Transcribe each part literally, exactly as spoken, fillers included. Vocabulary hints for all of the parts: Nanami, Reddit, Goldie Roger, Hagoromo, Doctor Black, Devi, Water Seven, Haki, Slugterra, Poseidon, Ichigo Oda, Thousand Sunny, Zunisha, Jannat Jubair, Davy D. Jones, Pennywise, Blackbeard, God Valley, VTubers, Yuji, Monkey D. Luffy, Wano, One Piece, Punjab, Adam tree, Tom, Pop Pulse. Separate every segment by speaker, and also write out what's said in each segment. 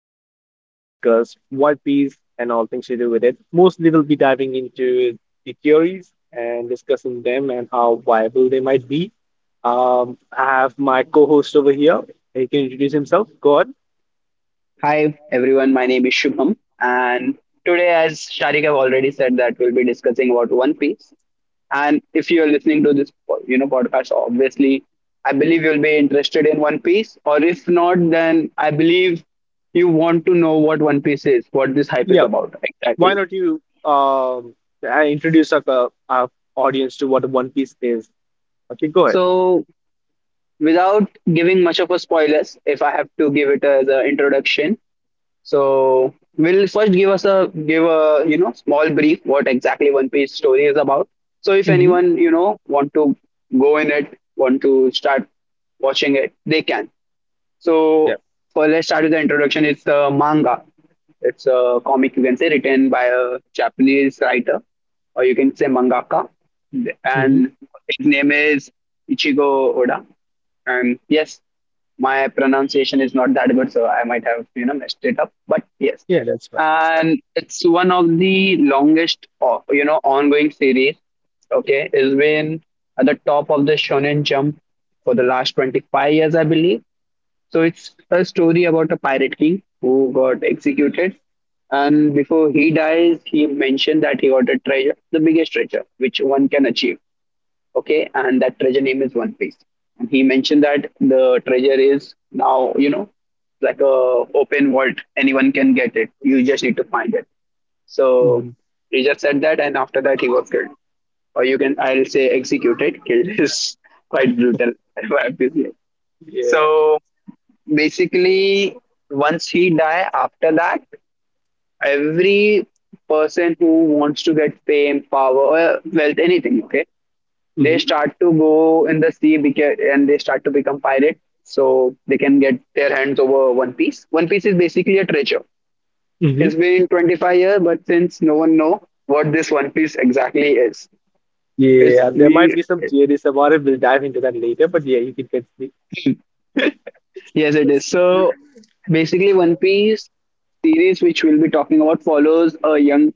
Speaker 1: we are going to discuss One Piece and all things to do with it. Mostly, we'll be diving into the theories and discussing them and how viable they might be. Um, I have my co-host over here. He can introduce himself. Go on.
Speaker 2: Hi everyone, my name is Shubham and today, as Sharik have already said, that we'll be discussing about One Piece. And if you are listening to this you know podcast, obviously I believe you'll be interested in One Piece, or if not, then I believe you want to know what One Piece is, what this hype
Speaker 1: Yeah.
Speaker 2: is about
Speaker 1: Why
Speaker 2: exactly.
Speaker 1: not you um, I introduce our, uh, our audience to what One Piece is? Okay, go ahead.
Speaker 2: So without giving much of a spoilers, if I have to give it as an introduction, so we'll first give us a give a you know small brief what exactly One Piece story is about. So if
Speaker 1: Mm-hmm.
Speaker 2: anyone you know want to go in it, want to start watching it, they can. So
Speaker 1: Yeah.
Speaker 2: for let's start with the introduction. It's a manga. It's a comic, you can say, written by a Japanese writer, or you can say mangaka,
Speaker 1: Mm-hmm.
Speaker 2: and his name is Ichigo Oda. And yes, my pronunciation is not that good, so I might have you know messed it up. But yes,
Speaker 1: Yeah, that's right. That's right.
Speaker 2: and it's one of the longest o- you know ongoing series. Okay, it's been at the top of the Shonen Jump for the last twenty five years, I believe. So it's a story about a pirate king who got executed, and before he dies, he mentioned that he got a treasure, the biggest treasure which one can achieve. Okay, and that treasure name is One Piece. And he mentioned that the treasure is now, you know like a open vault, anyone can get it. You just need to find it. So
Speaker 1: Mm-hmm.
Speaker 2: he just said that, and after that he was killed, or you can I'll say executed. Killed is quite brutal, I have to say.
Speaker 1: Yeah.
Speaker 2: So basically, once he die, after that every person who wants to get fame, power, or wealth, anything, okay, they
Speaker 1: Mm-hmm.
Speaker 2: start to go in the sea beca- and they start to become pirates so they can get their hands over one piece. One piece is basically a treasure.
Speaker 1: Mm-hmm.
Speaker 2: It's been twenty five years, but since no one know what this one piece exactly is, it's
Speaker 1: Yeah, there might
Speaker 2: we
Speaker 1: be some theories about it. We'll dive into that later. But yeah, you can get the.
Speaker 2: yes, it is. So basically, One Piece, series which we'll be talking about, follows a young,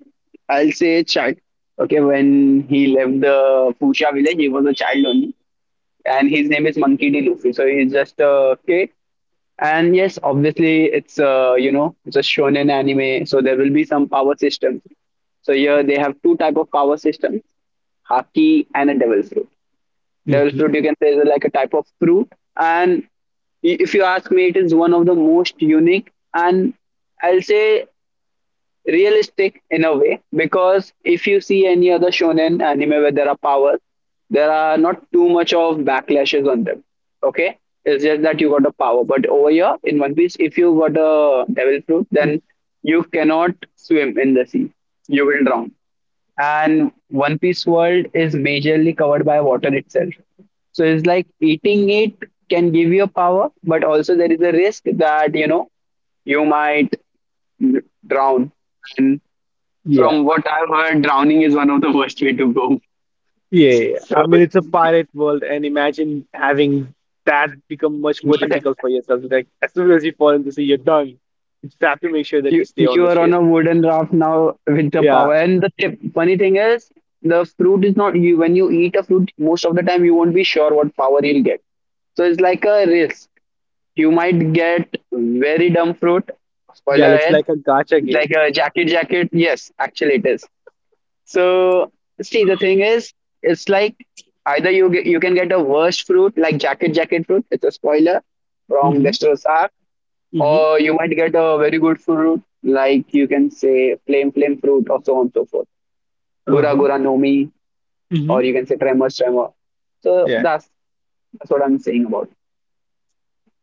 Speaker 2: I'll say a child. Okay, when he left the Fusha village, he was a child only, and his name is Monkey D. Luffy. So he's just a kid. And yes, obviously, it's a you know it's a shonen anime, so there will be some power systems. So here they have two type of power systems: Haki and a Devil Fruit. Devil's
Speaker 1: Mhm.
Speaker 2: fruit, you can say, is like a type of fruit. And if you ask me, it is one of the most unique and, I'll say, realistic in a way, because if you see any other shonen anime where there are powers, there are not too much of backlashes on them. Okay, it's just that you got a power. But over here in One Piece, if you got a devil fruit, then you cannot swim in the sea. You will drown, and One Piece world is majorly covered by water itself. So it's like eating it can give you a power, but also there is a risk that you know you might drown. And
Speaker 1: Yeah,
Speaker 2: from what I've heard, drowning is one of the worst way to go.
Speaker 1: yeah, yeah.
Speaker 2: So
Speaker 1: I mean,
Speaker 2: but
Speaker 1: it's a pirate world, and imagine having that become much more difficult for yourself. Like as soon as you fall into sea, you're done. You just have to make sure that you
Speaker 2: you
Speaker 1: stay on
Speaker 2: you
Speaker 1: the
Speaker 2: are on
Speaker 1: ship.
Speaker 2: a wooden raft now with the
Speaker 1: Yeah,
Speaker 2: power. And the tip, funny thing is, the fruit is not you. When you eat a fruit, most of the time you won't be sure what power you'll get. So it's like a risk, you might get very dumb fruit.
Speaker 1: yeah.
Speaker 2: Spoiler
Speaker 1: It's
Speaker 2: ahead,
Speaker 1: like a gacha game.
Speaker 2: like a jacket jacket. Yes, actually it is. So see, the thing is, it's like either you get, you can get a worst fruit like jacket jacket fruit. It's a spoiler from
Speaker 1: Mm-hmm.
Speaker 2: Destros Arc,
Speaker 1: Mm-hmm.
Speaker 2: or you might get a very good fruit, like you can say flame flame fruit, or so on and so forth. Gura
Speaker 1: Uh-huh.
Speaker 2: Gura Nomi,
Speaker 1: Mm-hmm.
Speaker 2: or you can say Tremor Tremor. So
Speaker 1: Yeah.
Speaker 2: that's that's what I'm saying about.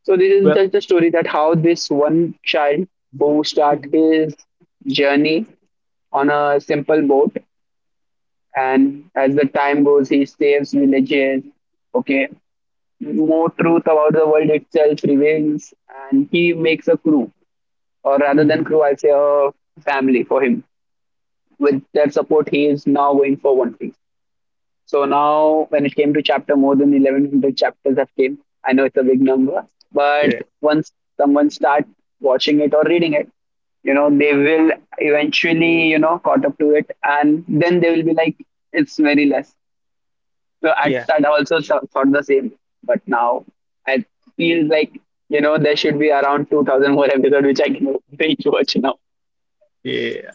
Speaker 2: So this is
Speaker 1: Well.
Speaker 2: just the story that how this one child, who start
Speaker 1: Mm-hmm.
Speaker 2: his journey on a simple boat, and as the time goes, he saves villages. Okay, more truth about the world itself reveals, and he makes a crew, or rather than
Speaker 1: Mm.
Speaker 2: crew, I'll say a family for him. With their support, he is now going for one piece. So now, when it came to chapter, more than eleven hundred chapters have came. I know it's a big number, but
Speaker 1: Yeah.
Speaker 2: once someone start watching it or reading it, you know they will eventually you know caught up to it, and then they will be like it's very less. So at
Speaker 1: Yeah.
Speaker 2: start i also sh- thought the same. But now I feel like you know there should be around two thousand more episodes which I can binge watch now.
Speaker 1: Yeah,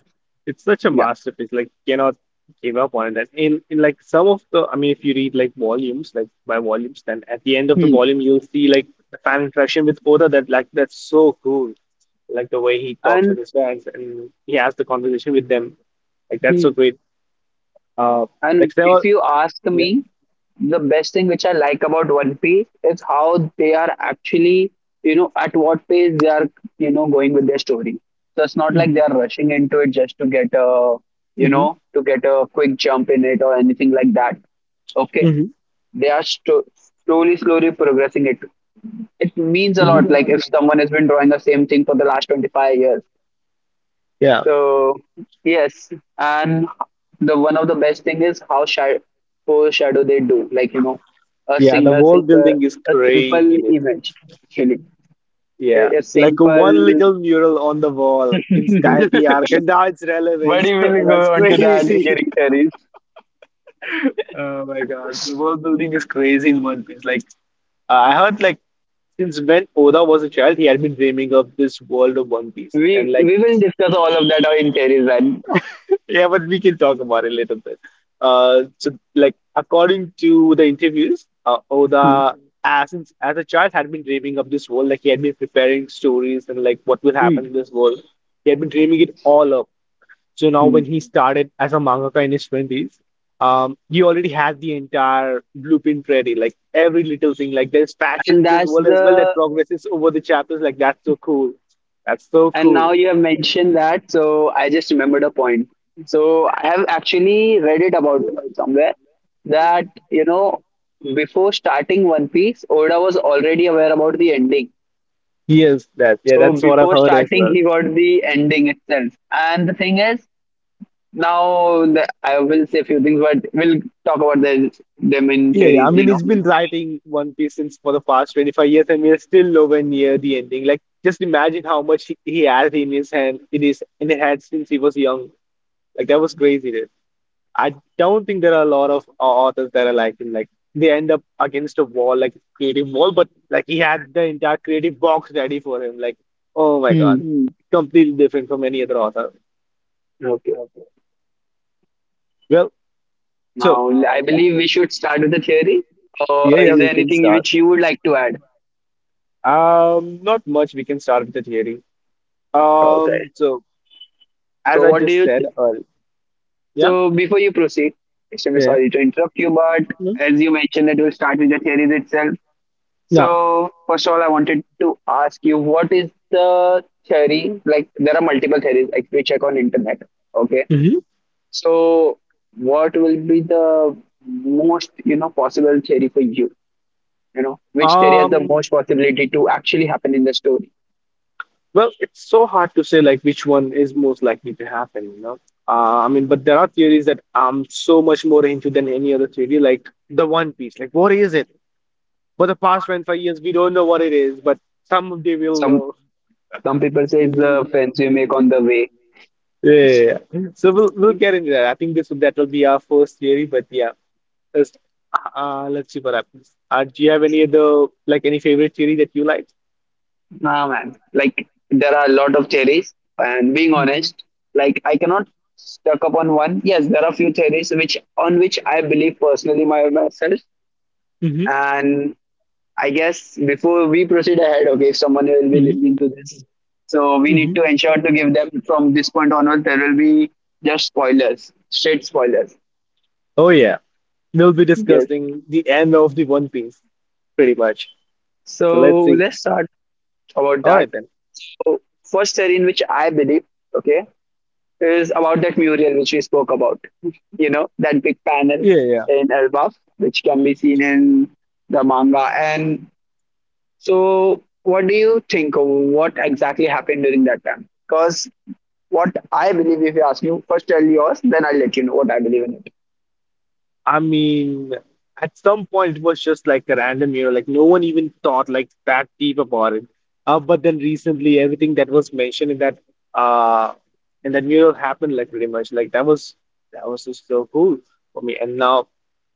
Speaker 1: it's such a
Speaker 2: Yeah.
Speaker 1: masterpiece. Like, cannot give up on it. And in in like some of the, I mean, if you read like volumes, like by volumes, then at the end of the
Speaker 2: Hmm.
Speaker 1: volume, you'll see like the fan interaction with Oda. That like that's so cool. Like the way he talks with
Speaker 2: And
Speaker 1: his fans and he has the conversation with them. Like that's so
Speaker 2: hmm.
Speaker 1: great. Uh,
Speaker 2: And
Speaker 1: like there
Speaker 2: if
Speaker 1: were,
Speaker 2: you ask
Speaker 1: yeah.
Speaker 2: me, the best thing which I like about One Piece is how they are actually, you know, at what pace they are, you know, going with their story. So it's not like
Speaker 1: Hmm.
Speaker 2: they are rushing into it just to get a, you
Speaker 1: Hmm.
Speaker 2: know, to get a quick jump in it or anything like that. Okay,
Speaker 1: Hmm.
Speaker 2: they are sto- slowly, slowly progressing it. It means a
Speaker 1: Hmm.
Speaker 2: lot. Like if someone has been drawing the same thing for the last twenty five years,
Speaker 1: Yeah,
Speaker 2: so yes, and the one of the best thing is how shy foreshadow they do. Like you know, a
Speaker 1: yeah.
Speaker 2: sing
Speaker 1: The
Speaker 2: a sing
Speaker 1: world
Speaker 2: a,
Speaker 1: building is
Speaker 2: a
Speaker 1: crazy.
Speaker 2: simple event actually.
Speaker 1: Yeah,
Speaker 2: A, a
Speaker 1: like one
Speaker 2: simple
Speaker 1: little mural on the wall
Speaker 2: but
Speaker 1: in Sky P R, and that's
Speaker 2: we
Speaker 1: relevant.
Speaker 2: will
Speaker 1: That's
Speaker 2: go on to that
Speaker 1: crazy.
Speaker 2: during series.
Speaker 1: Oh my God, the world building is crazy in One Piece. Like uh, I heard, like since when Oda was a child, he had been dreaming of this world of One Piece,
Speaker 2: We
Speaker 1: and like.
Speaker 2: we will discuss all of that in series. And
Speaker 1: Yeah, but we can talk about it later. But uh, so like according to the interviews, uh, Oda as in- as a child had been dreaming of this world. Like he had been preparing stories and like what will happen in this world. He had been dreaming it all up. So now when he started as a mangaka in his twenties, um, he already had the entire blueprint ready, like every little thing. Like there's passion
Speaker 2: and
Speaker 1: in this
Speaker 2: that's
Speaker 1: world as well that
Speaker 2: the
Speaker 1: progresses over the chapters. Like that's so cool. That's so
Speaker 2: And
Speaker 1: cool.
Speaker 2: now you have mentioned that, so I just remembered a point. So I have actually read it about somewhere that, you know, before starting One Piece, Oda was already aware about the ending.
Speaker 1: Yes, that yeah,
Speaker 2: So
Speaker 1: that's what I've
Speaker 2: before
Speaker 1: heard as
Speaker 2: starting,
Speaker 1: well.
Speaker 2: he got the ending itself. And the thing is, now the, I will say a few things, but we'll talk about the them in
Speaker 1: Yeah, yeah. I
Speaker 2: theories, you
Speaker 1: mean,
Speaker 2: know.
Speaker 1: he's been writing One Piece since for the past twenty-five years, and we're still nowhere near the ending. Like, just imagine how much he, he had in his hand, in his in his head since he was young. Like, that was crazy, dude. I don't think there are a lot of au- authors that are like him. Like, they end up against a wall, like creative wall, but like he had the entire creative box ready for him. Like, oh my God,
Speaker 2: Hmm.
Speaker 1: completely different from any other author.
Speaker 2: Okay.
Speaker 1: Well, so
Speaker 2: Now, I believe we should start with the theory. Or
Speaker 1: yeah, yeah,
Speaker 2: is there
Speaker 1: we can
Speaker 2: anything
Speaker 1: start.
Speaker 2: which you would like to add?
Speaker 1: Um, not much. We can start with the theory.
Speaker 2: Okay.
Speaker 1: Um, so as
Speaker 2: So,
Speaker 1: I
Speaker 2: what do
Speaker 1: just
Speaker 2: you
Speaker 1: said, uh, yeah,
Speaker 2: So before you proceed, extremely
Speaker 1: yeah,
Speaker 2: sorry to interrupt you, but
Speaker 1: mm, yeah. Hmm.
Speaker 2: as you mentioned that we'll start with the theories itself.
Speaker 1: Yeah,
Speaker 2: So first of all, I wanted to ask you, what is the theory? Like there are multiple theories, like we check on internet. Okay.
Speaker 1: mm-hmm.
Speaker 2: So what will be the most, you know, possible theory for you? You know, which theory has the
Speaker 1: Um,
Speaker 2: most possibility to actually happen in the story?
Speaker 1: well, it's so hard to say like which one is most likely to happen, you know. Uh, I mean, but there are theories that I'm so much more into than any other theory, like the One Piece. Like, what is it? For the past twenty-five years, we don't know what it is, but someday
Speaker 2: Some
Speaker 1: we'll
Speaker 2: some people say it's
Speaker 1: know.
Speaker 2: the friends you make on the way.
Speaker 1: Yeah, yeah, yeah. So we'll we'll get into that. I think this that will be our first theory, but yeah, let's uh, let's see what happens. Uh, do you have any other like any favorite theory that you like?
Speaker 2: Nah, man. Like there are a lot of theories, and being
Speaker 1: Mm-hmm.
Speaker 2: honest, like I cannot stuck upon one. Yes, there are few theories which on which I believe personally, my, myself,
Speaker 1: Hmm.
Speaker 2: and I guess before we proceed ahead, okay, if someone will be listening to this, so we need
Speaker 1: Hmm.
Speaker 2: to ensure to give them from this point onwards there will be just spoilers, straight spoilers.
Speaker 1: Oh yeah, we'll be
Speaker 2: Yes.
Speaker 1: discussing the end of the One Piece pretty much. So let's
Speaker 2: So
Speaker 1: see.
Speaker 2: let's start about
Speaker 1: All
Speaker 2: that.
Speaker 1: right then.
Speaker 2: So first theory in which I believe, okay, is about that mural which we spoke about. You know, that big panel
Speaker 1: Yeah, yeah.
Speaker 2: in Elbaf, which can be seen in the manga. And so, what do you think? What exactly happened during that time? Because what I believe, if you ask me, first tell yours, then I'll let you know what I believe in it.
Speaker 1: I mean, at some point it was just like a random, you know, like no one even thought like that deep about it. Uh, but then recently, everything that was mentioned in that uh in that mural happened like pretty much like that was that was just so cool for me. And now,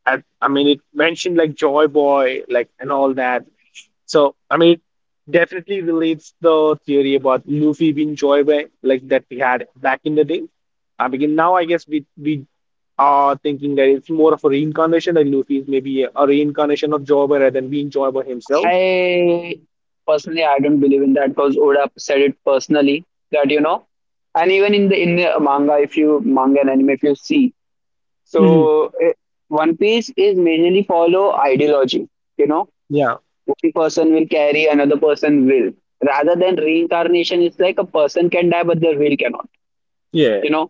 Speaker 1: I, I mean, it mentioned like Joy Boy, like and all that. So, I mean, it definitely relates the theory about Luffy being Joy like that we had back in the day. I mean, now I guess we we are thinking that it's more of a reincarnation, that Luffy is maybe a, reincarnation of Joy rather than being Joy himself.
Speaker 2: I personally, I don't believe in that because Oda said it personally that you know, and even in the in the manga, if you manga and anime, if you see,
Speaker 1: Hmm.
Speaker 2: so eh, One Piece is mainly follow ideology. You know,
Speaker 1: Yeah.
Speaker 2: one person will carry, another person will. Rather than reincarnation, it's like a person can die, but their will cannot.
Speaker 1: Yeah.
Speaker 2: You know,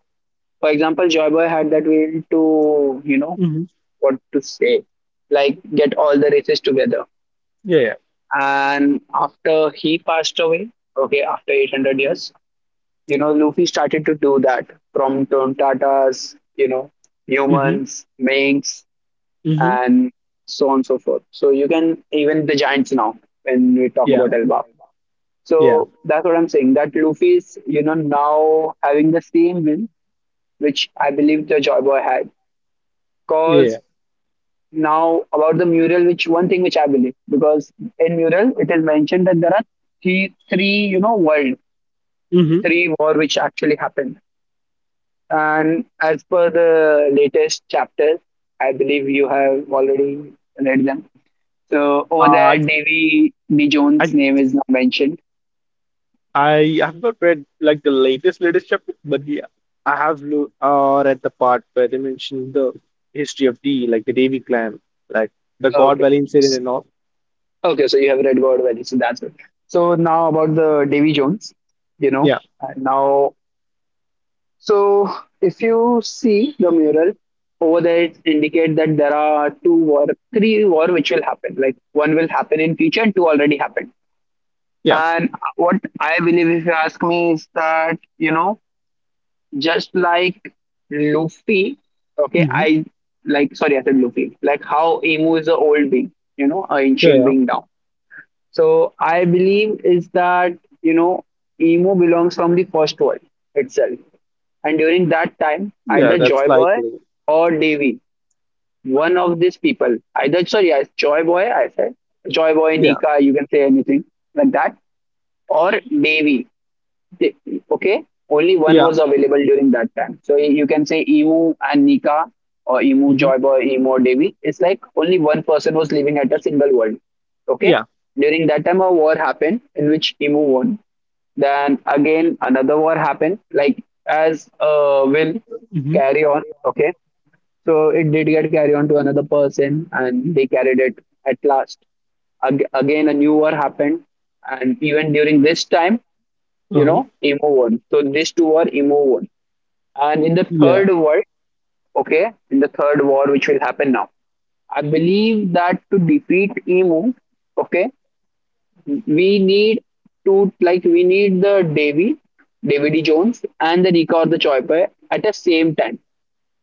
Speaker 2: for example, Joy Boy had that will to, you know,
Speaker 1: Hmm.
Speaker 2: what to say, like get all the races together.
Speaker 1: Yeah.
Speaker 2: And after he passed away, okay, after eight hundred years, you know, Luffy started to do that from Tom Tata's, you know,
Speaker 1: Hmm.
Speaker 2: humans, minks,
Speaker 1: Hmm.
Speaker 2: and so on and so forth. So you can even the Giants now when we talk
Speaker 1: Yeah.
Speaker 2: about Elba.
Speaker 1: Yeah.
Speaker 2: So that's what I'm saying. That Luffy's, you know, now having the same win, which I believe the Joy Boy had.
Speaker 1: Yeah.
Speaker 2: Because now about the mural, which one thing which I believe, because in mural it is mentioned that there are three, three, you know, world,
Speaker 1: Hmm.
Speaker 2: three war which actually happened. And as per the latest chapters, I believe you have already read them. So over there,
Speaker 1: Uh,
Speaker 2: Davy D.
Speaker 1: I
Speaker 2: Jones' name is not mentioned.
Speaker 1: I have not read like the latest latest chapter, but yeah, I have lo uh, read the part where they mentioned the history of D, like the Devi clan, like the God
Speaker 2: Okay.
Speaker 1: Valley incident and all.
Speaker 2: Okay, so you have read God Valley, so that's it. So now about the Davy Jones, you know,
Speaker 1: Yeah,
Speaker 2: and now, so if you see the mural over there, it indicate that there are two war, three war which will happen. Like one will happen in future, and two already happened.
Speaker 1: yeah.
Speaker 2: And what I believe, if you ask me, is that you know just like Luffy, okay,
Speaker 1: Hmm.
Speaker 2: I like sorry, I said Luffy. Like how Emu is a old being, you know, a
Speaker 1: Yeah,
Speaker 2: ancient
Speaker 1: yeah,
Speaker 2: being now. So I believe is that you know Emu belongs from the first world itself, and during that time,
Speaker 1: yeah.
Speaker 2: either
Speaker 1: That's
Speaker 2: Joy Boy
Speaker 1: likely.
Speaker 2: or Davy, one of these people, either sorry, I Joy Boy, I said Joy Boy,
Speaker 1: Yeah,
Speaker 2: Nika, you can say anything like that, or Davy, okay, only one
Speaker 1: yeah.
Speaker 2: was available during that time, so you can say Emu and Nika or Emu
Speaker 1: Hmm.
Speaker 2: Joyboy or Emu or Devi. It's like only one person was living at a single world. Okay,
Speaker 1: Yeah.
Speaker 2: during that time a war happened in which Emu won. Then again another war happened, like, as uh, will
Speaker 1: Hmm.
Speaker 2: carry on, okay. So it did get carried on to another person, and they carried it at last. Ag- again a new war happened, and even during this time, you know
Speaker 1: uh
Speaker 2: Emo one. So these two are Emo one, and in the
Speaker 1: yeah.
Speaker 2: third war, okay, in the third war which will happen now, I believe that to defeat Emo, okay, we need to, like, we need the davy Davy D. Jones and the Nika or the Choiper at the same time.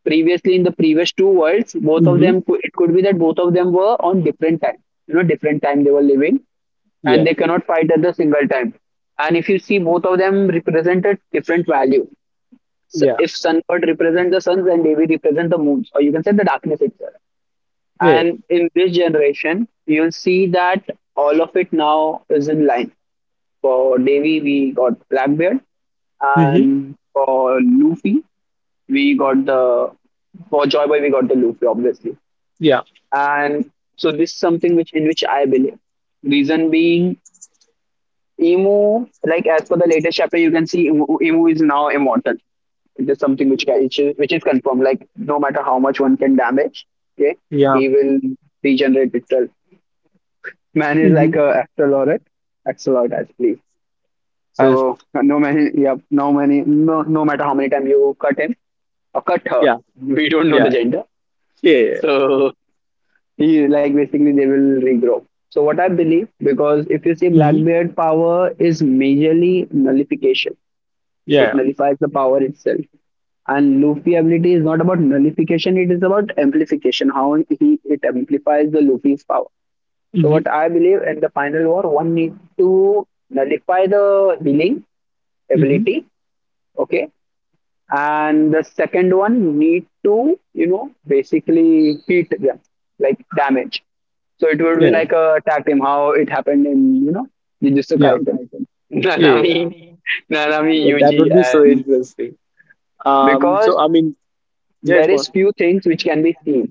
Speaker 2: Previously, in the previous two worlds, both of
Speaker 1: Hmm.
Speaker 2: them, it could be that both of them were on different time. You know, different time they were living, and
Speaker 1: Yeah,
Speaker 2: they cannot fight at the single time. And if you see, both of them represented different value. S
Speaker 1: yeah,
Speaker 2: if sun god represents the suns and Devi represent the moons, or you can say the darkness itself.
Speaker 1: yeah.
Speaker 2: And in this generation, you'll see that all of it now is in line. For Devi, we got Blackbeard,
Speaker 1: Hmm.
Speaker 2: and for Luffy, we got the, for Joy Boy we got the Luffy obviously,
Speaker 1: Yeah,
Speaker 2: and so this is something which in which I believe. Reason being, Emu, like, as per the latest chapter, you can see Emu, Emu is now immortal. It is something which ca- which is, which is confirmed. Like no matter how much one can damage, okay,
Speaker 1: yeah.
Speaker 2: he will regenerate itself. Man is
Speaker 1: Hmm.
Speaker 2: like a axolotl, axolotl as please.
Speaker 1: As,
Speaker 2: So no many, yeah, no many, no, no matter how many times you cut him or cut her,
Speaker 1: yeah,
Speaker 2: we don't know the
Speaker 1: yeah,
Speaker 2: gender.
Speaker 1: yeah, yeah.
Speaker 2: So you, like, basically they will regrow. So what I believe, because if you see
Speaker 1: Hmm.
Speaker 2: Blackbeard power is majorly nullification. It
Speaker 1: Yeah.
Speaker 2: nullifies the power itself. And Luffy ability is not about nullification, it is about amplification, how he it amplifies the Luffy's power. So
Speaker 1: Hmm.
Speaker 2: what I believe in the final war, one need to nullify the healing
Speaker 1: Hmm.
Speaker 2: ability, okay? And the second one need to, you know, basically hit them, like, damage. So it would be
Speaker 1: Yeah,
Speaker 2: like a tag team, how it happened in, you know, Jujutsu
Speaker 1: yeah,
Speaker 2: Kaisen.
Speaker 1: yeah.
Speaker 2: Nanami,
Speaker 1: Yeah.
Speaker 2: Nanami,
Speaker 1: Yeah, that
Speaker 2: Yuji,
Speaker 1: would be so
Speaker 2: and
Speaker 1: interesting. Um, so
Speaker 2: because
Speaker 1: I mean, yeah, it's
Speaker 2: there is
Speaker 1: one.
Speaker 2: few things which can be seen.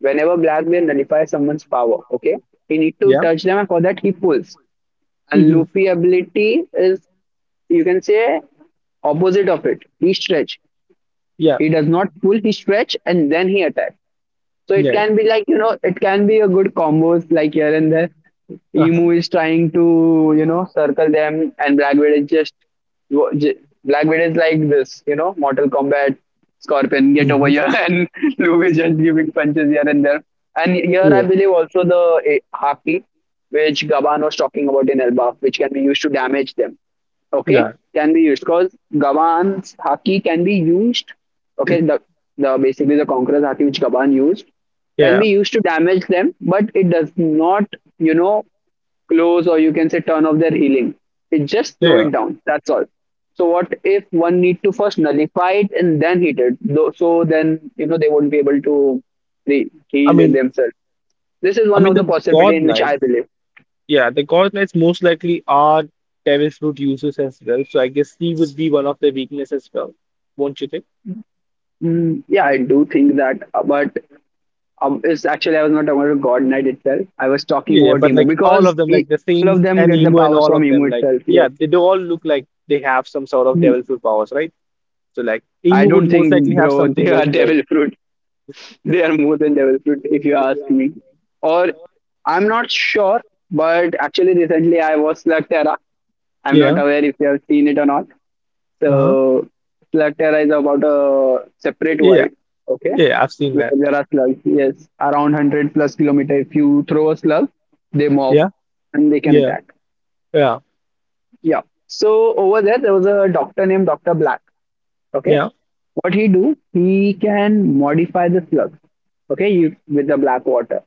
Speaker 2: Whenever Black Bear nullifies someone's power, okay, he need to
Speaker 1: Yeah.
Speaker 2: touch them, and for that he pulls. And
Speaker 1: Hmm.
Speaker 2: Luffy ability is, you can say, opposite of it. He stretch.
Speaker 1: Yeah.
Speaker 2: He does not pull. He stretch and then he attack. So it
Speaker 1: Yeah.
Speaker 2: can be like, you know, it can be a good combos like here and there.
Speaker 1: Uh-huh.
Speaker 2: Emu is trying to, you know, circle them, and Black Widow is just, Black Widow is like this, you know, Mortal Kombat, Scorpion, get over
Speaker 1: Hmm.
Speaker 2: here, and Luke is just giving punches here and there. And here I
Speaker 1: Yeah.
Speaker 2: believe also the eh, Haki, which Gavan was talking about in Elba, which can be used to damage them. Okay,
Speaker 1: Yeah.
Speaker 2: can be used because Gavan's Haki can be used. Okay, the the basically the Conqueror's Haki which Gavan used can
Speaker 1: Yeah.
Speaker 2: be used to damage them, but it does not, you know, close or you can say turn off their healing. It just slow
Speaker 1: Yeah.
Speaker 2: it down. That's all. So what if one need to first nullify it and then heat it? Though, so then you know they won't be able to re-
Speaker 1: I
Speaker 2: heal it
Speaker 1: mean,
Speaker 2: themselves. This is
Speaker 1: I
Speaker 2: one
Speaker 1: mean
Speaker 2: of the
Speaker 1: the
Speaker 2: possibility
Speaker 1: God
Speaker 2: in which I
Speaker 1: Knights.
Speaker 2: believe.
Speaker 1: Yeah, the God Knights most likely are Devil's Fruit users as well. So I guess he would be one of their weakness as well, won't you think?
Speaker 2: Mm, yeah, I do think that, uh, but um, it's actually I was not talking about God Knight itself. I was talking
Speaker 1: Yeah,
Speaker 2: about
Speaker 1: but
Speaker 2: Emu
Speaker 1: like all
Speaker 2: because
Speaker 1: of them,
Speaker 2: e-
Speaker 1: like the
Speaker 2: all
Speaker 1: Saints
Speaker 2: of them
Speaker 1: and
Speaker 2: get the
Speaker 1: Emu and
Speaker 2: powers
Speaker 1: all
Speaker 2: from
Speaker 1: of
Speaker 2: Emu
Speaker 1: them, like
Speaker 2: itself. Yes.
Speaker 1: yeah, they do all look like they have some sort of
Speaker 2: Mhm.
Speaker 1: devil fruit powers, right? So like
Speaker 2: I
Speaker 1: Emu would
Speaker 2: don't
Speaker 1: most likely
Speaker 2: think,
Speaker 1: have
Speaker 2: bro, they
Speaker 1: something
Speaker 2: are
Speaker 1: as well.
Speaker 2: devil fruit. They are more than developed, if you ask me. Or I'm not sure, but actually recently I watched Slugterra. I'm not
Speaker 1: Yeah.
Speaker 2: aware if you have seen it or not.
Speaker 1: Uh-huh.
Speaker 2: So Slugterra is about a separate
Speaker 1: Yeah.
Speaker 2: world, okay,
Speaker 1: Yeah, I've seen
Speaker 2: where
Speaker 1: that.
Speaker 2: there are slugs. Yes, around one hundred plus kilometer. If you throw a slug, they morph
Speaker 1: Yeah.
Speaker 2: and they can
Speaker 1: Yeah.
Speaker 2: attack.
Speaker 1: Yeah.
Speaker 2: Yeah. So over there, there was a doctor named Doctor Black. Okay,
Speaker 1: Yeah.
Speaker 2: what he do? He can modify the slugs. Okay, you, with the black water.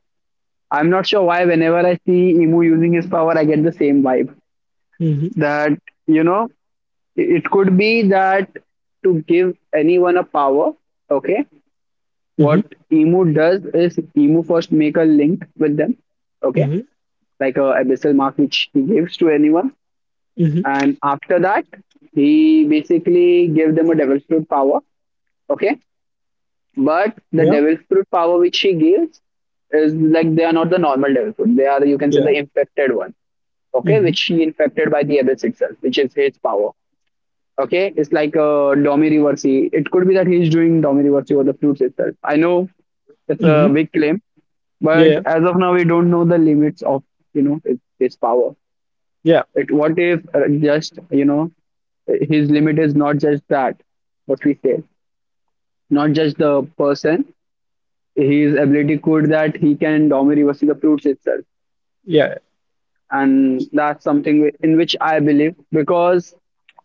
Speaker 2: I'm not sure why whenever I see Emu using his power, I get the same vibe.
Speaker 1: Mm-hmm.
Speaker 2: That, you know, it could be that to give anyone a power, okay,
Speaker 1: Mm-hmm.
Speaker 2: what Emu does is Emu first make a link with them, okay,
Speaker 1: Mm-hmm.
Speaker 2: like a abyssal mark which he gives to anyone.
Speaker 1: Mm-hmm.
Speaker 2: And after that, he basically gives them a devil's fruit power, okay. But the
Speaker 1: Yeah.
Speaker 2: devil's fruit power which he gives is like they are not the normal devil fruit. They are, you can say, the
Speaker 1: Yeah.
Speaker 2: infected one, okay,
Speaker 1: Mm-hmm.
Speaker 2: which he infected by the abyss itself, which is his power. Okay, it's like a domi Domiriversi. It could be that he's doing domi Domiriversi over the fruits itself. I know it's
Speaker 1: Mm-hmm.
Speaker 2: a big claim, but
Speaker 1: Yeah.
Speaker 2: as of now, we don't know the limits of, you know, his power.
Speaker 1: Yeah.
Speaker 2: It, what if uh, just, you know, his limit is not just that what we say, not just the person. His ability could that he can domi Domiriversi the fruits itself.
Speaker 1: Yeah.
Speaker 2: And that's something whi- in which I believe, because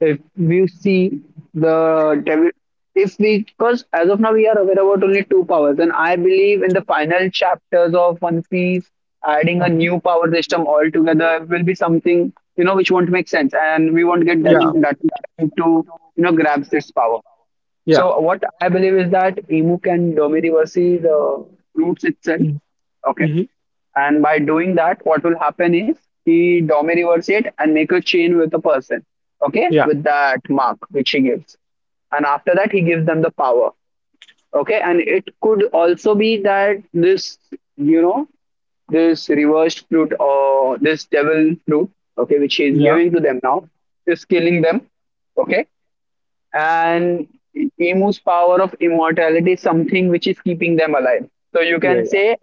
Speaker 2: if we see the devi- if we, because as of now we are aware about only two powers, and I believe in the final chapters of One Piece adding a
Speaker 1: Uh-huh.
Speaker 2: new power system altogether will be something, you know, which won't make sense, and we won't get that
Speaker 1: Yeah.
Speaker 2: that to, you know, grabs its power.
Speaker 1: Yeah.
Speaker 2: So what I believe is that Emu can dominate the roots itself. Okay.
Speaker 1: Mm-hmm.
Speaker 2: And by doing that, what will happen is he domi reverse it and make a chain with a person, okay,
Speaker 1: Yeah.
Speaker 2: with that mark which he gives. And after that, he gives them the power, okay. And it could also be that this, you know, this reversed fruit or this devil fruit, okay, which he is
Speaker 1: Yeah.
Speaker 2: giving to them now, is killing them, okay, and Emu's power of immortality is something which is keeping them alive. So you
Speaker 1: Yeah.
Speaker 2: can say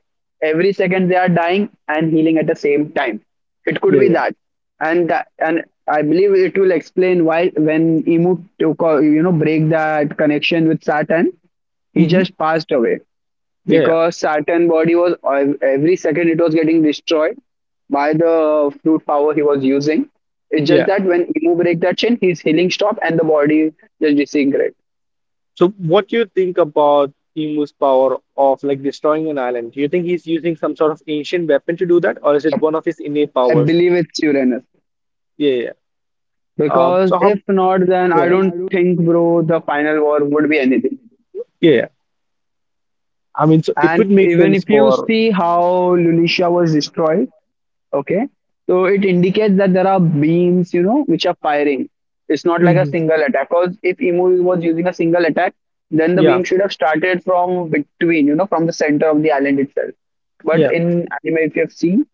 Speaker 2: every second they are dying and healing at the same time. It could
Speaker 1: Yeah.
Speaker 2: be
Speaker 1: Yeah.
Speaker 2: that and that, and I believe it will explain why, when Emu took a, you know, break that connection with Saturn, he
Speaker 1: Mm-hmm.
Speaker 2: just passed away,
Speaker 1: Yeah. Yeah.
Speaker 2: because Saturn body was, every second it was getting destroyed by the fruit power he was using. It's just
Speaker 1: Yeah.
Speaker 2: that when Emu break that chain, his healing stop and the body just disintegrate.
Speaker 1: So what do you think about Emu's power of like destroying an island? Do you think he's using some sort of ancient weapon to do that, or is it one of his innate
Speaker 2: I
Speaker 1: powers?
Speaker 2: believe it's Uranus,
Speaker 1: Yeah, yeah. Uh,
Speaker 2: because
Speaker 1: so how?
Speaker 2: if not, then I
Speaker 1: Yeah,
Speaker 2: don't think, bro, the final war would be anything.
Speaker 1: yeah. Yeah. I mean, so it
Speaker 2: And
Speaker 1: would make
Speaker 2: even
Speaker 1: sense
Speaker 2: if
Speaker 1: even
Speaker 2: you
Speaker 1: for.
Speaker 2: see how Lulicia was destroyed, okay. So it indicates that there are beams, you know, which are firing. It's not like
Speaker 1: Destroyed,
Speaker 2: a
Speaker 1: mhm.
Speaker 2: single attack. Because if Emu was using a single attack, then the
Speaker 1: Yeah,
Speaker 2: beam should have started from between, you know, from the center of the island itself. But
Speaker 1: yeah,
Speaker 2: in anime, if you have seen,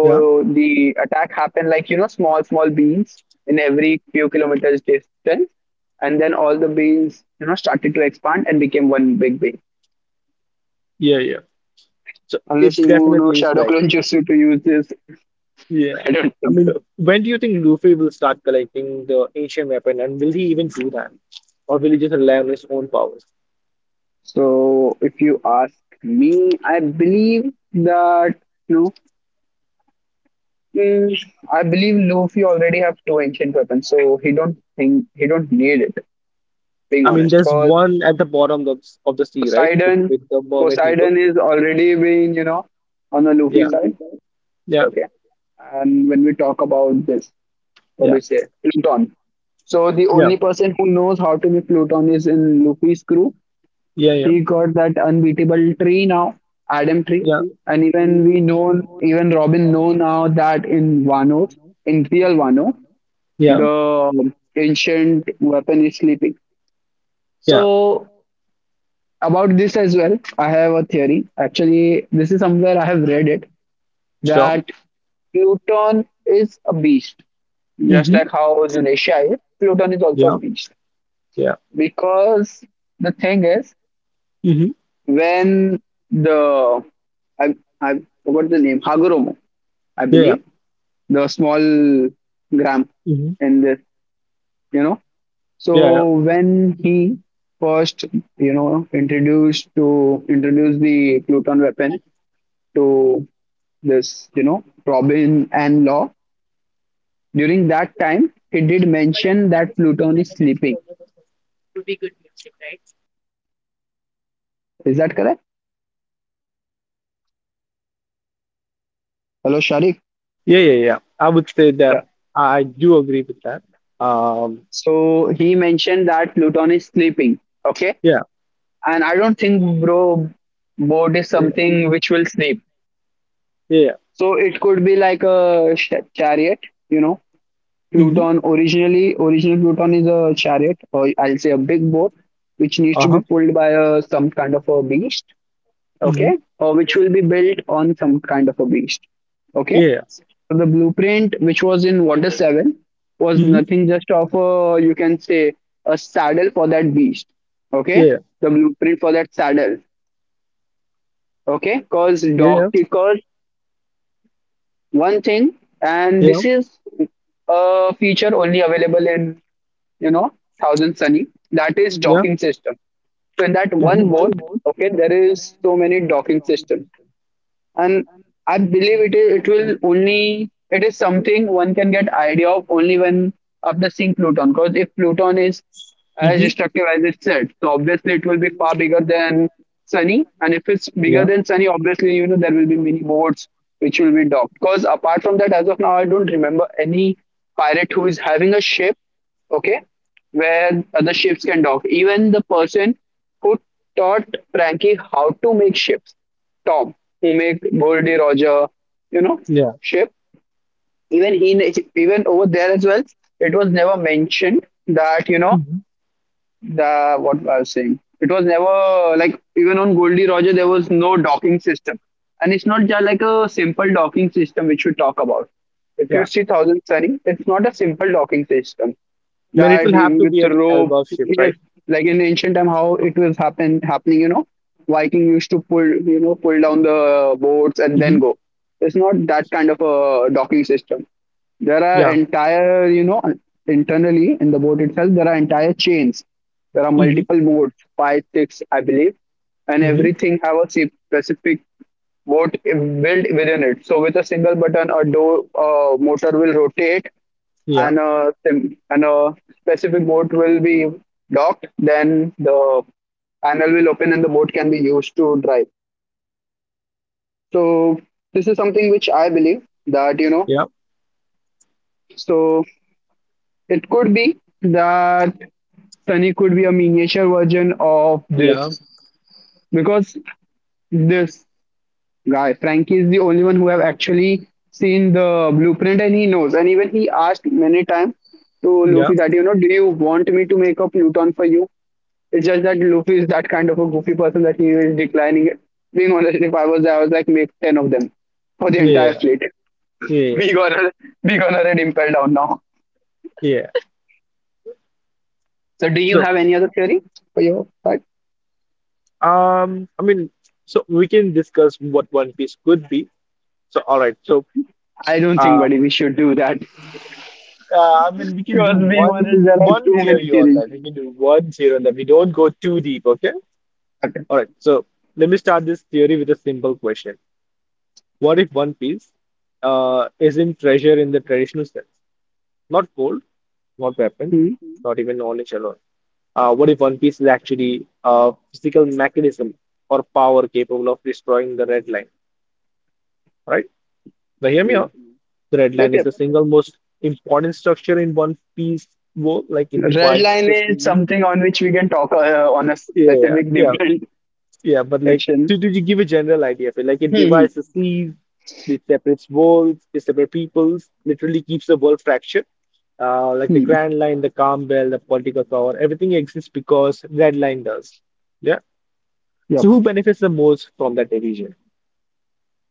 Speaker 1: yeah,
Speaker 2: the attack happened like, you know, small, small beams in every few kilometers distance. And then all the beams, you know, started to expand and became one big beam.
Speaker 1: yeah, yeah. So
Speaker 2: Unless
Speaker 1: it
Speaker 2: Emu no
Speaker 1: definitely is
Speaker 2: Shadow Clone
Speaker 1: likely.
Speaker 2: Jutsu to use this,
Speaker 1: Yeah.
Speaker 2: I don't
Speaker 1: I
Speaker 2: think
Speaker 1: mean,
Speaker 2: so.
Speaker 1: when do you think Luffy will start collecting the ancient weapon, and will he even do that? Or will he just rely on his own powers?
Speaker 2: So if you ask me, I believe that, you know, mm, I believe Luffy already have two ancient weapons, so he don't think he don't need it. Being
Speaker 1: I mean,
Speaker 2: honest,
Speaker 1: there's
Speaker 2: because
Speaker 1: one at the bottom of, of the sea, right? With,
Speaker 2: Poseidon,
Speaker 1: with the mermaid people.
Speaker 2: Poseidon is already being, you know, on the Luffy
Speaker 1: Yeah,
Speaker 2: side.
Speaker 1: yeah,
Speaker 2: Okay, and when we talk about this, what do
Speaker 1: yeah,
Speaker 2: you say, Pluton? So the
Speaker 1: yeah,
Speaker 2: only person who knows how to be Pluton is in Luffy's crew.
Speaker 1: yeah, yeah,
Speaker 2: He got that unbeatable tree now, Adam tree.
Speaker 1: yeah,
Speaker 2: And even we know, even Robin know now that in Wano, in real Wano,
Speaker 1: yeah,
Speaker 2: the ancient weapon is sleeping.
Speaker 1: yeah,
Speaker 2: So about this as well, I have a theory. Actually, this is somewhere I have read it
Speaker 1: sure.
Speaker 2: that Pluton is a beast, just
Speaker 1: Mm-hmm.
Speaker 2: like how Zunisha is. Pluton is also a
Speaker 1: Yeah,
Speaker 2: beast,
Speaker 1: yeah,
Speaker 2: because the thing is
Speaker 1: mm-hmm.
Speaker 2: when the I I forgot the name Hagoromo, I
Speaker 1: Yeah, yeah,
Speaker 2: believe, the small gram
Speaker 1: mm-hmm.
Speaker 2: in this, you know.
Speaker 1: Yeah, yeah,
Speaker 2: So when he first, you know, introduced to introduce the Pluton weapon to this, you know, Robin and Law during that time, he did mention that Pluton is sleeping. Is that correct? Hello, Sharik.
Speaker 1: yeah, yeah, yeah. I would say that
Speaker 2: Yeah.
Speaker 1: I do agree with that. Um,
Speaker 2: So he mentioned that Pluton is sleeping. Okay.
Speaker 1: yeah,
Speaker 2: And I don't think, bro, boat is
Speaker 1: yeah, yeah,
Speaker 2: something which will snape.
Speaker 1: yeah. Yeah.
Speaker 2: So it could be like a sh- chariot, you know.
Speaker 1: Mm-hmm.
Speaker 2: Pluton originally, original Pluton is a chariot, or I'll say a big boat, which needs to be
Speaker 1: Uh-huh.
Speaker 2: pulled by a, some kind of a beast,
Speaker 1: Mm-hmm.
Speaker 2: okay, or which will be built on some kind of a beast, okay.
Speaker 1: Yeah. Yeah.
Speaker 2: So the blueprint, which was in Water Seven, was
Speaker 1: Mm-hmm.
Speaker 2: nothing just of a you can say a saddle for that beast, okay.
Speaker 1: Yeah,
Speaker 2: The blueprint for that saddle, okay, because
Speaker 1: yeah,
Speaker 2: doc
Speaker 1: yeah,
Speaker 2: because one thing, and
Speaker 1: yeah.
Speaker 2: this is a feature only available in, you know, Thousand Sunny, that is
Speaker 1: Yeah.
Speaker 2: docking system. So in that one boat,
Speaker 1: Mm-hmm.
Speaker 2: okay, there is so many docking system. And I believe it is it will only it is something one can get idea of only when of the seeing Pluton, because if Pluton is as
Speaker 1: Mm-hmm.
Speaker 2: destructive as it said. So obviously it will be far bigger than Sunny, and if it's bigger
Speaker 1: Yeah,
Speaker 2: than Sunny, obviously you know there will be many boats which will be docked. Because apart from that, as of now, I don't remember any pirate who is having a ship, okay, where other ships can dock. Even the person who taught Frankie how to make ships, Tom, who made Goldie Roger, you know,
Speaker 1: yeah,
Speaker 2: ship. Even he, even over there as well, it was never mentioned that you know
Speaker 1: mm-hmm.
Speaker 2: the what I was saying. It was never like even on Goldie Roger there was no docking system, and it's not just like a simple docking system which we talk about. If
Speaker 1: Yeah.
Speaker 2: you see Thousand Sunny, it's not a simple docking system
Speaker 1: I mean, it
Speaker 2: that
Speaker 1: will have
Speaker 2: you-
Speaker 1: to
Speaker 2: with
Speaker 1: be
Speaker 2: the
Speaker 1: an
Speaker 2: rope.
Speaker 1: elbow shape,
Speaker 2: Yes,
Speaker 1: right?
Speaker 2: like in ancient time, how it was happen happening. You know, Viking used to pull you know pull down the boats and then
Speaker 1: Mm-hmm.
Speaker 2: go. It's not that kind of a docking system. There are
Speaker 1: Yeah.
Speaker 2: entire, you know, internally in the boat itself, there are entire chains. There are
Speaker 1: Mm-hmm.
Speaker 2: multiple boats, five, six, I believe, and
Speaker 1: Mm-hmm.
Speaker 2: everything have a specific boat built within it. So with a single button, a door uh, motor will rotate,
Speaker 1: Yeah.
Speaker 2: and a sim- and a specific boat will be docked. Then the panel will open and the boat can be used to drive. So this is something which I believe that you know.
Speaker 1: Yeah.
Speaker 2: So it could be that Sunny could be a miniature version of
Speaker 1: Yeah.
Speaker 2: this, because this guy Frankie is the only one who have actually seen the blueprint and he knows. And even he asked many times to
Speaker 1: Yeah.
Speaker 2: Luffy that you know, do you want me to make a Pluton for you? It's just that Luffy is that kind of a goofy person that he is declining it. Being honest, if I was there, I was like make ten of them for the entire
Speaker 1: Yeah.
Speaker 2: fleet.
Speaker 1: Yeah.
Speaker 2: We gonna we gonna red impel down now.
Speaker 1: Yeah.
Speaker 2: So do you
Speaker 1: So,
Speaker 2: have any other theory for your part?
Speaker 1: um, I mean, so we can discuss what One Piece could be. So, all right. So,
Speaker 2: I don't think,
Speaker 1: uh,
Speaker 2: buddy, we should do that.
Speaker 1: uh, I mean, we can do
Speaker 2: Because being
Speaker 1: one
Speaker 2: honest, there are
Speaker 1: one
Speaker 2: too many
Speaker 1: theory on
Speaker 2: theories.
Speaker 1: that. We can do one theory on that. We don't go too deep, okay?
Speaker 2: Okay.
Speaker 1: All right. So, let me start this theory with a simple question. What if One Piece uh, isn't treasure in the traditional sense? Not gold, not weapon,
Speaker 2: Hmm.
Speaker 1: not even knowledge alone. Uh, what if One Piece is actually a physical mechanism or power capable of destroying the red line? Right? Now, hear me
Speaker 2: Hmm.
Speaker 1: out. The red line
Speaker 2: Yep,
Speaker 1: is
Speaker 2: yep.
Speaker 1: the single most important structure in One Piece world. Like it
Speaker 2: Red
Speaker 1: divides
Speaker 2: line
Speaker 1: the
Speaker 2: is
Speaker 1: seas.
Speaker 2: something on which we can talk uh, on a
Speaker 1: Yeah, yeah,
Speaker 2: specific
Speaker 1: yeah.
Speaker 2: different
Speaker 1: Yeah, but like,
Speaker 2: section.
Speaker 1: did, did you give a general idea of it? Like, it
Speaker 2: Hmm. Hmm,
Speaker 1: divides the seas, it separates worlds, it separates peoples, literally keeps the world fractured. Uh, like the
Speaker 2: hmm.
Speaker 1: Grand Line, the Calm Belt, the political power, everything exists because Red Line does. Yeah. So
Speaker 2: Yep.
Speaker 1: who benefits the most from that division?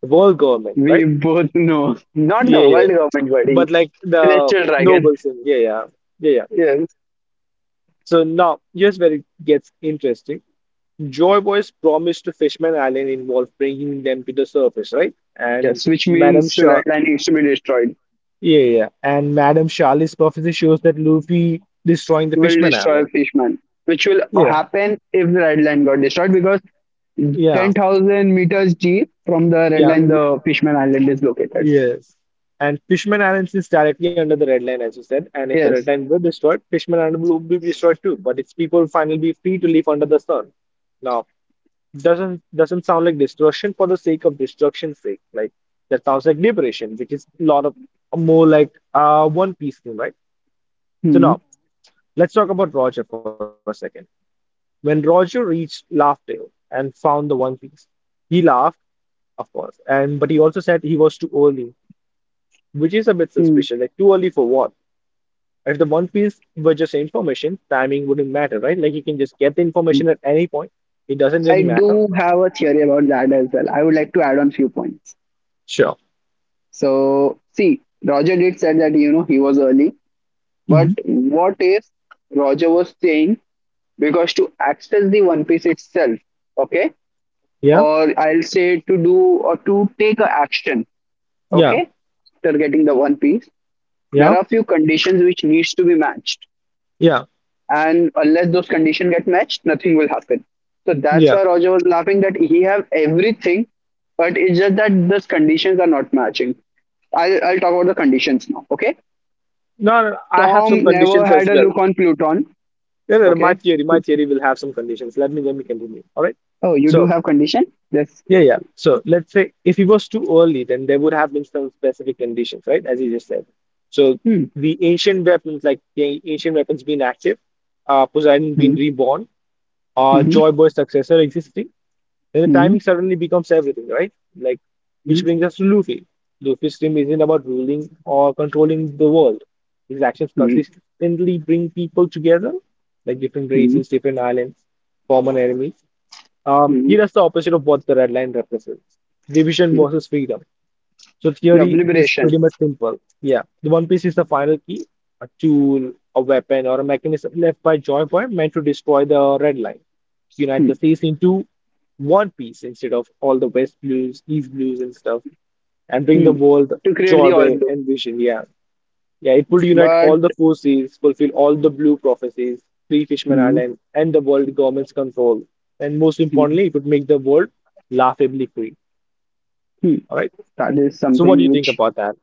Speaker 1: The world government,
Speaker 2: We
Speaker 1: right?
Speaker 2: both know. Not
Speaker 1: Yeah,
Speaker 2: the
Speaker 1: yeah.
Speaker 2: world government, buddy.
Speaker 1: But like the
Speaker 2: Celestial dragon.
Speaker 1: nobles, and yeah, yeah, yeah, yeah.
Speaker 2: Yes.
Speaker 1: So now here's where it gets interesting. Joyboy's promise to Fishman Island involved bringing them to the surface, right? And
Speaker 2: Yes, which
Speaker 1: Madame
Speaker 2: means the
Speaker 1: Sha,
Speaker 2: red line needs to be destroyed.
Speaker 1: yeah, yeah. Yeah. And Madame Charlie's prophecy shows that Luffy destroying the
Speaker 2: Will
Speaker 1: Fishman
Speaker 2: destroy
Speaker 1: Island.
Speaker 2: Fishman. Which will
Speaker 1: Yeah,
Speaker 2: happen if the red line got destroyed, because
Speaker 1: yeah,
Speaker 2: ten thousand meters deep from the red
Speaker 1: yeah,
Speaker 2: line, the Fishman Island is located.
Speaker 1: yes. And Fishman Island is directly under the Red Line, as you said. And if the Red
Speaker 2: Yes.
Speaker 1: Line were destroyed, Fishman Island will be destroyed too. But its people will finally be free to live under the sun. Now. Doesn't doesn't sound like destruction for the sake of destruction's sake. Like that sounds like liberation, which is a lot of more like uh One Piece thing, right? So
Speaker 2: Hmm.
Speaker 1: now let's talk about Roger for a second. When Roger reached Laughdale and found the One Piece, he laughed, of course, and but he also said he was too early, which is a bit
Speaker 2: Hmm.
Speaker 1: suspicious. Like too early for what? If the One Piece were just information, timing wouldn't matter, right? Like you can just get the
Speaker 2: Hmm.
Speaker 1: information at any point. It doesn't
Speaker 2: I
Speaker 1: really matter.
Speaker 2: do have a theory about that as well. I would like to add on few points.
Speaker 1: Sure.
Speaker 2: So, see, Roger did said that you know he was early, but
Speaker 1: Mhm.
Speaker 2: what if Roger was saying, because to access the One Piece itself, okay,
Speaker 1: Yeah.
Speaker 2: or I'll say to do or to take a action,
Speaker 1: Yeah.
Speaker 2: okay, after getting the One Piece, there
Speaker 1: Yeah.
Speaker 2: are few conditions which needs to be matched,
Speaker 1: Yeah,
Speaker 2: and unless those conditions get matched, nothing will happen. So that's
Speaker 1: yeah.
Speaker 2: why Roger was laughing that he have everything, but it's just that those conditions are not matching. I'll, I'll talk about the conditions now. Okay.
Speaker 1: No, no, no, I have some
Speaker 2: Tom never
Speaker 1: conditions
Speaker 2: had
Speaker 1: as
Speaker 2: a
Speaker 1: well.
Speaker 2: look on Pluton.
Speaker 1: No, no, no, my
Speaker 2: Okay.
Speaker 1: theory, my theory will have some conditions. Let me, let me continue. All right.
Speaker 2: Oh, you do
Speaker 1: So,
Speaker 2: have condition? Yes.
Speaker 1: yeah, yeah. So let's say if it was too early, then there would have been some specific conditions, right? As you just said. So
Speaker 2: Hmm.
Speaker 1: the ancient weapons, like the ancient weapons being active, uh, Poseidon being
Speaker 2: Hmm.
Speaker 1: reborn, uh,
Speaker 2: Hmm.
Speaker 1: Joyboy's successor existing. Then the
Speaker 2: Hmm.
Speaker 1: timing suddenly becomes everything, right? Like, which
Speaker 2: Hmm.
Speaker 1: brings us to Luffy. Luffy's dream isn't about ruling or controlling the world. His actions
Speaker 2: Hmm.
Speaker 1: consistently bring people together, like different
Speaker 2: Hmm.
Speaker 1: races, different islands, common enemies. Um,
Speaker 2: Hmm.
Speaker 1: he does the opposite of what the red line represents: division
Speaker 2: Hmm.
Speaker 1: versus freedom. So
Speaker 2: The
Speaker 1: theory is
Speaker 2: obliteration.
Speaker 1: pretty much simple. Yeah, the One Piece is the final key, a tool, a weapon, or a mechanism left by Joy Boy meant to destroy the Red Line, unite the
Speaker 2: Hmm.
Speaker 1: seas into one piece instead of all the West Blues, East Blues, and stuff, and bring
Speaker 2: Hmm.
Speaker 1: the world
Speaker 2: To create
Speaker 1: joy,
Speaker 2: the all
Speaker 1: Boy
Speaker 2: blue.
Speaker 1: and vision. Yeah, yeah, it would unite
Speaker 2: But
Speaker 1: all the four seas, fulfill all the blue prophecies, free Fishman
Speaker 2: hmm.
Speaker 1: Island, and the world government's control. And most
Speaker 2: Hmm.
Speaker 1: importantly, it would make the world laughably free.
Speaker 2: Hmm.
Speaker 1: All right.
Speaker 2: That is
Speaker 1: So what do you
Speaker 2: something
Speaker 1: think
Speaker 2: which.
Speaker 1: about that?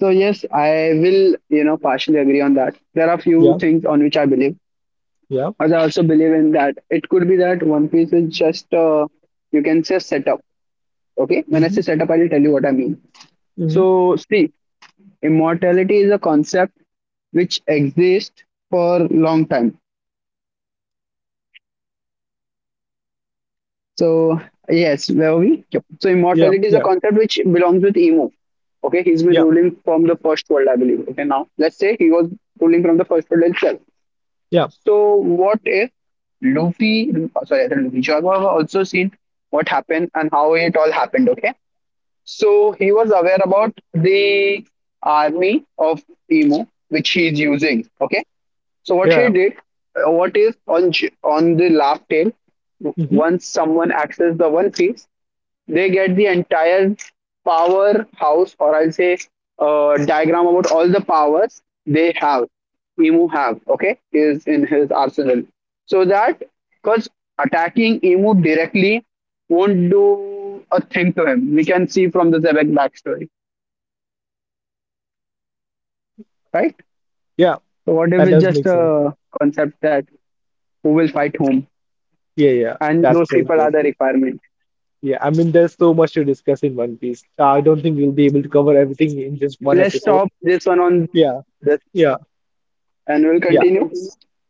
Speaker 2: So yes, I will, you know, partially agree on that. There are few
Speaker 1: Yeah.
Speaker 2: things on which I believe,
Speaker 1: Yeah.
Speaker 2: but I also believe in that it could be that One Piece is just, uh, you can say setup. Okay, when I
Speaker 1: Mm-hmm.
Speaker 2: say setup, I will tell you what I mean.
Speaker 1: Mm-hmm.
Speaker 2: So see, immortality is a concept which exists for long time. So yes, where were we? Yep. So
Speaker 1: Yeah.
Speaker 2: immortality is a
Speaker 1: Yeah.
Speaker 2: concept which belongs with Emo. Okay, he's been
Speaker 1: Yeah.
Speaker 2: ruling from the first world, I believe. Okay, now let's say he was ruling from the first world itself.
Speaker 1: Yeah.
Speaker 2: So what if Luffy, sorry, not Luffy, Zoro also seen what happened and how it all happened, okay? So he was aware about the army of Emu, which he is using, okay? So what he
Speaker 1: Yeah.
Speaker 2: did, uh, what if on J- on the laugh tail,
Speaker 1: Mm-hmm.
Speaker 2: once someone accessed the One Piece, they get the entire power house, or I'll say uh, diagram about all the powers they have. Emu have okay is in his arsenal, so that because attacking Emu directly won't do a thing to him. We can see from the Zebek backstory, right?
Speaker 1: Yeah.
Speaker 2: So what if
Speaker 1: That
Speaker 2: it's
Speaker 1: does
Speaker 2: just
Speaker 1: make sense.
Speaker 2: a concept that who will fight whom,
Speaker 1: Yeah. Yeah.
Speaker 2: and those
Speaker 1: That's so
Speaker 2: people are the
Speaker 1: interesting.
Speaker 2: requirement.
Speaker 1: Yeah. I mean, there's so much to discuss in One Piece. Uh, I don't think we'll be able to cover everything in just
Speaker 2: So
Speaker 1: one
Speaker 2: let's
Speaker 1: episode.
Speaker 2: stop this one on
Speaker 1: Yeah.
Speaker 2: this,
Speaker 1: Yeah.
Speaker 2: and we'll
Speaker 1: Yeah.
Speaker 2: continue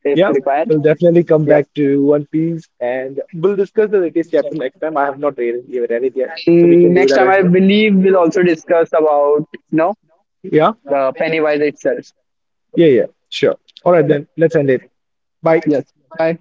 Speaker 2: if
Speaker 1: Yeah.
Speaker 2: required.
Speaker 1: We'll definitely come
Speaker 2: Yep.
Speaker 1: back to One Piece and we'll discuss the latest chapter
Speaker 2: So,
Speaker 1: next time. I have not really given it yet, so we
Speaker 2: mm,
Speaker 1: can do
Speaker 2: next
Speaker 1: that
Speaker 2: time,
Speaker 1: as
Speaker 2: I
Speaker 1: well.
Speaker 2: believe we'll also discuss about you know
Speaker 1: Yeah.
Speaker 2: the Pennywise itself.
Speaker 1: Yeah, yeah, sure. All right, then, let's end it. Bye.
Speaker 2: Yes. Bye.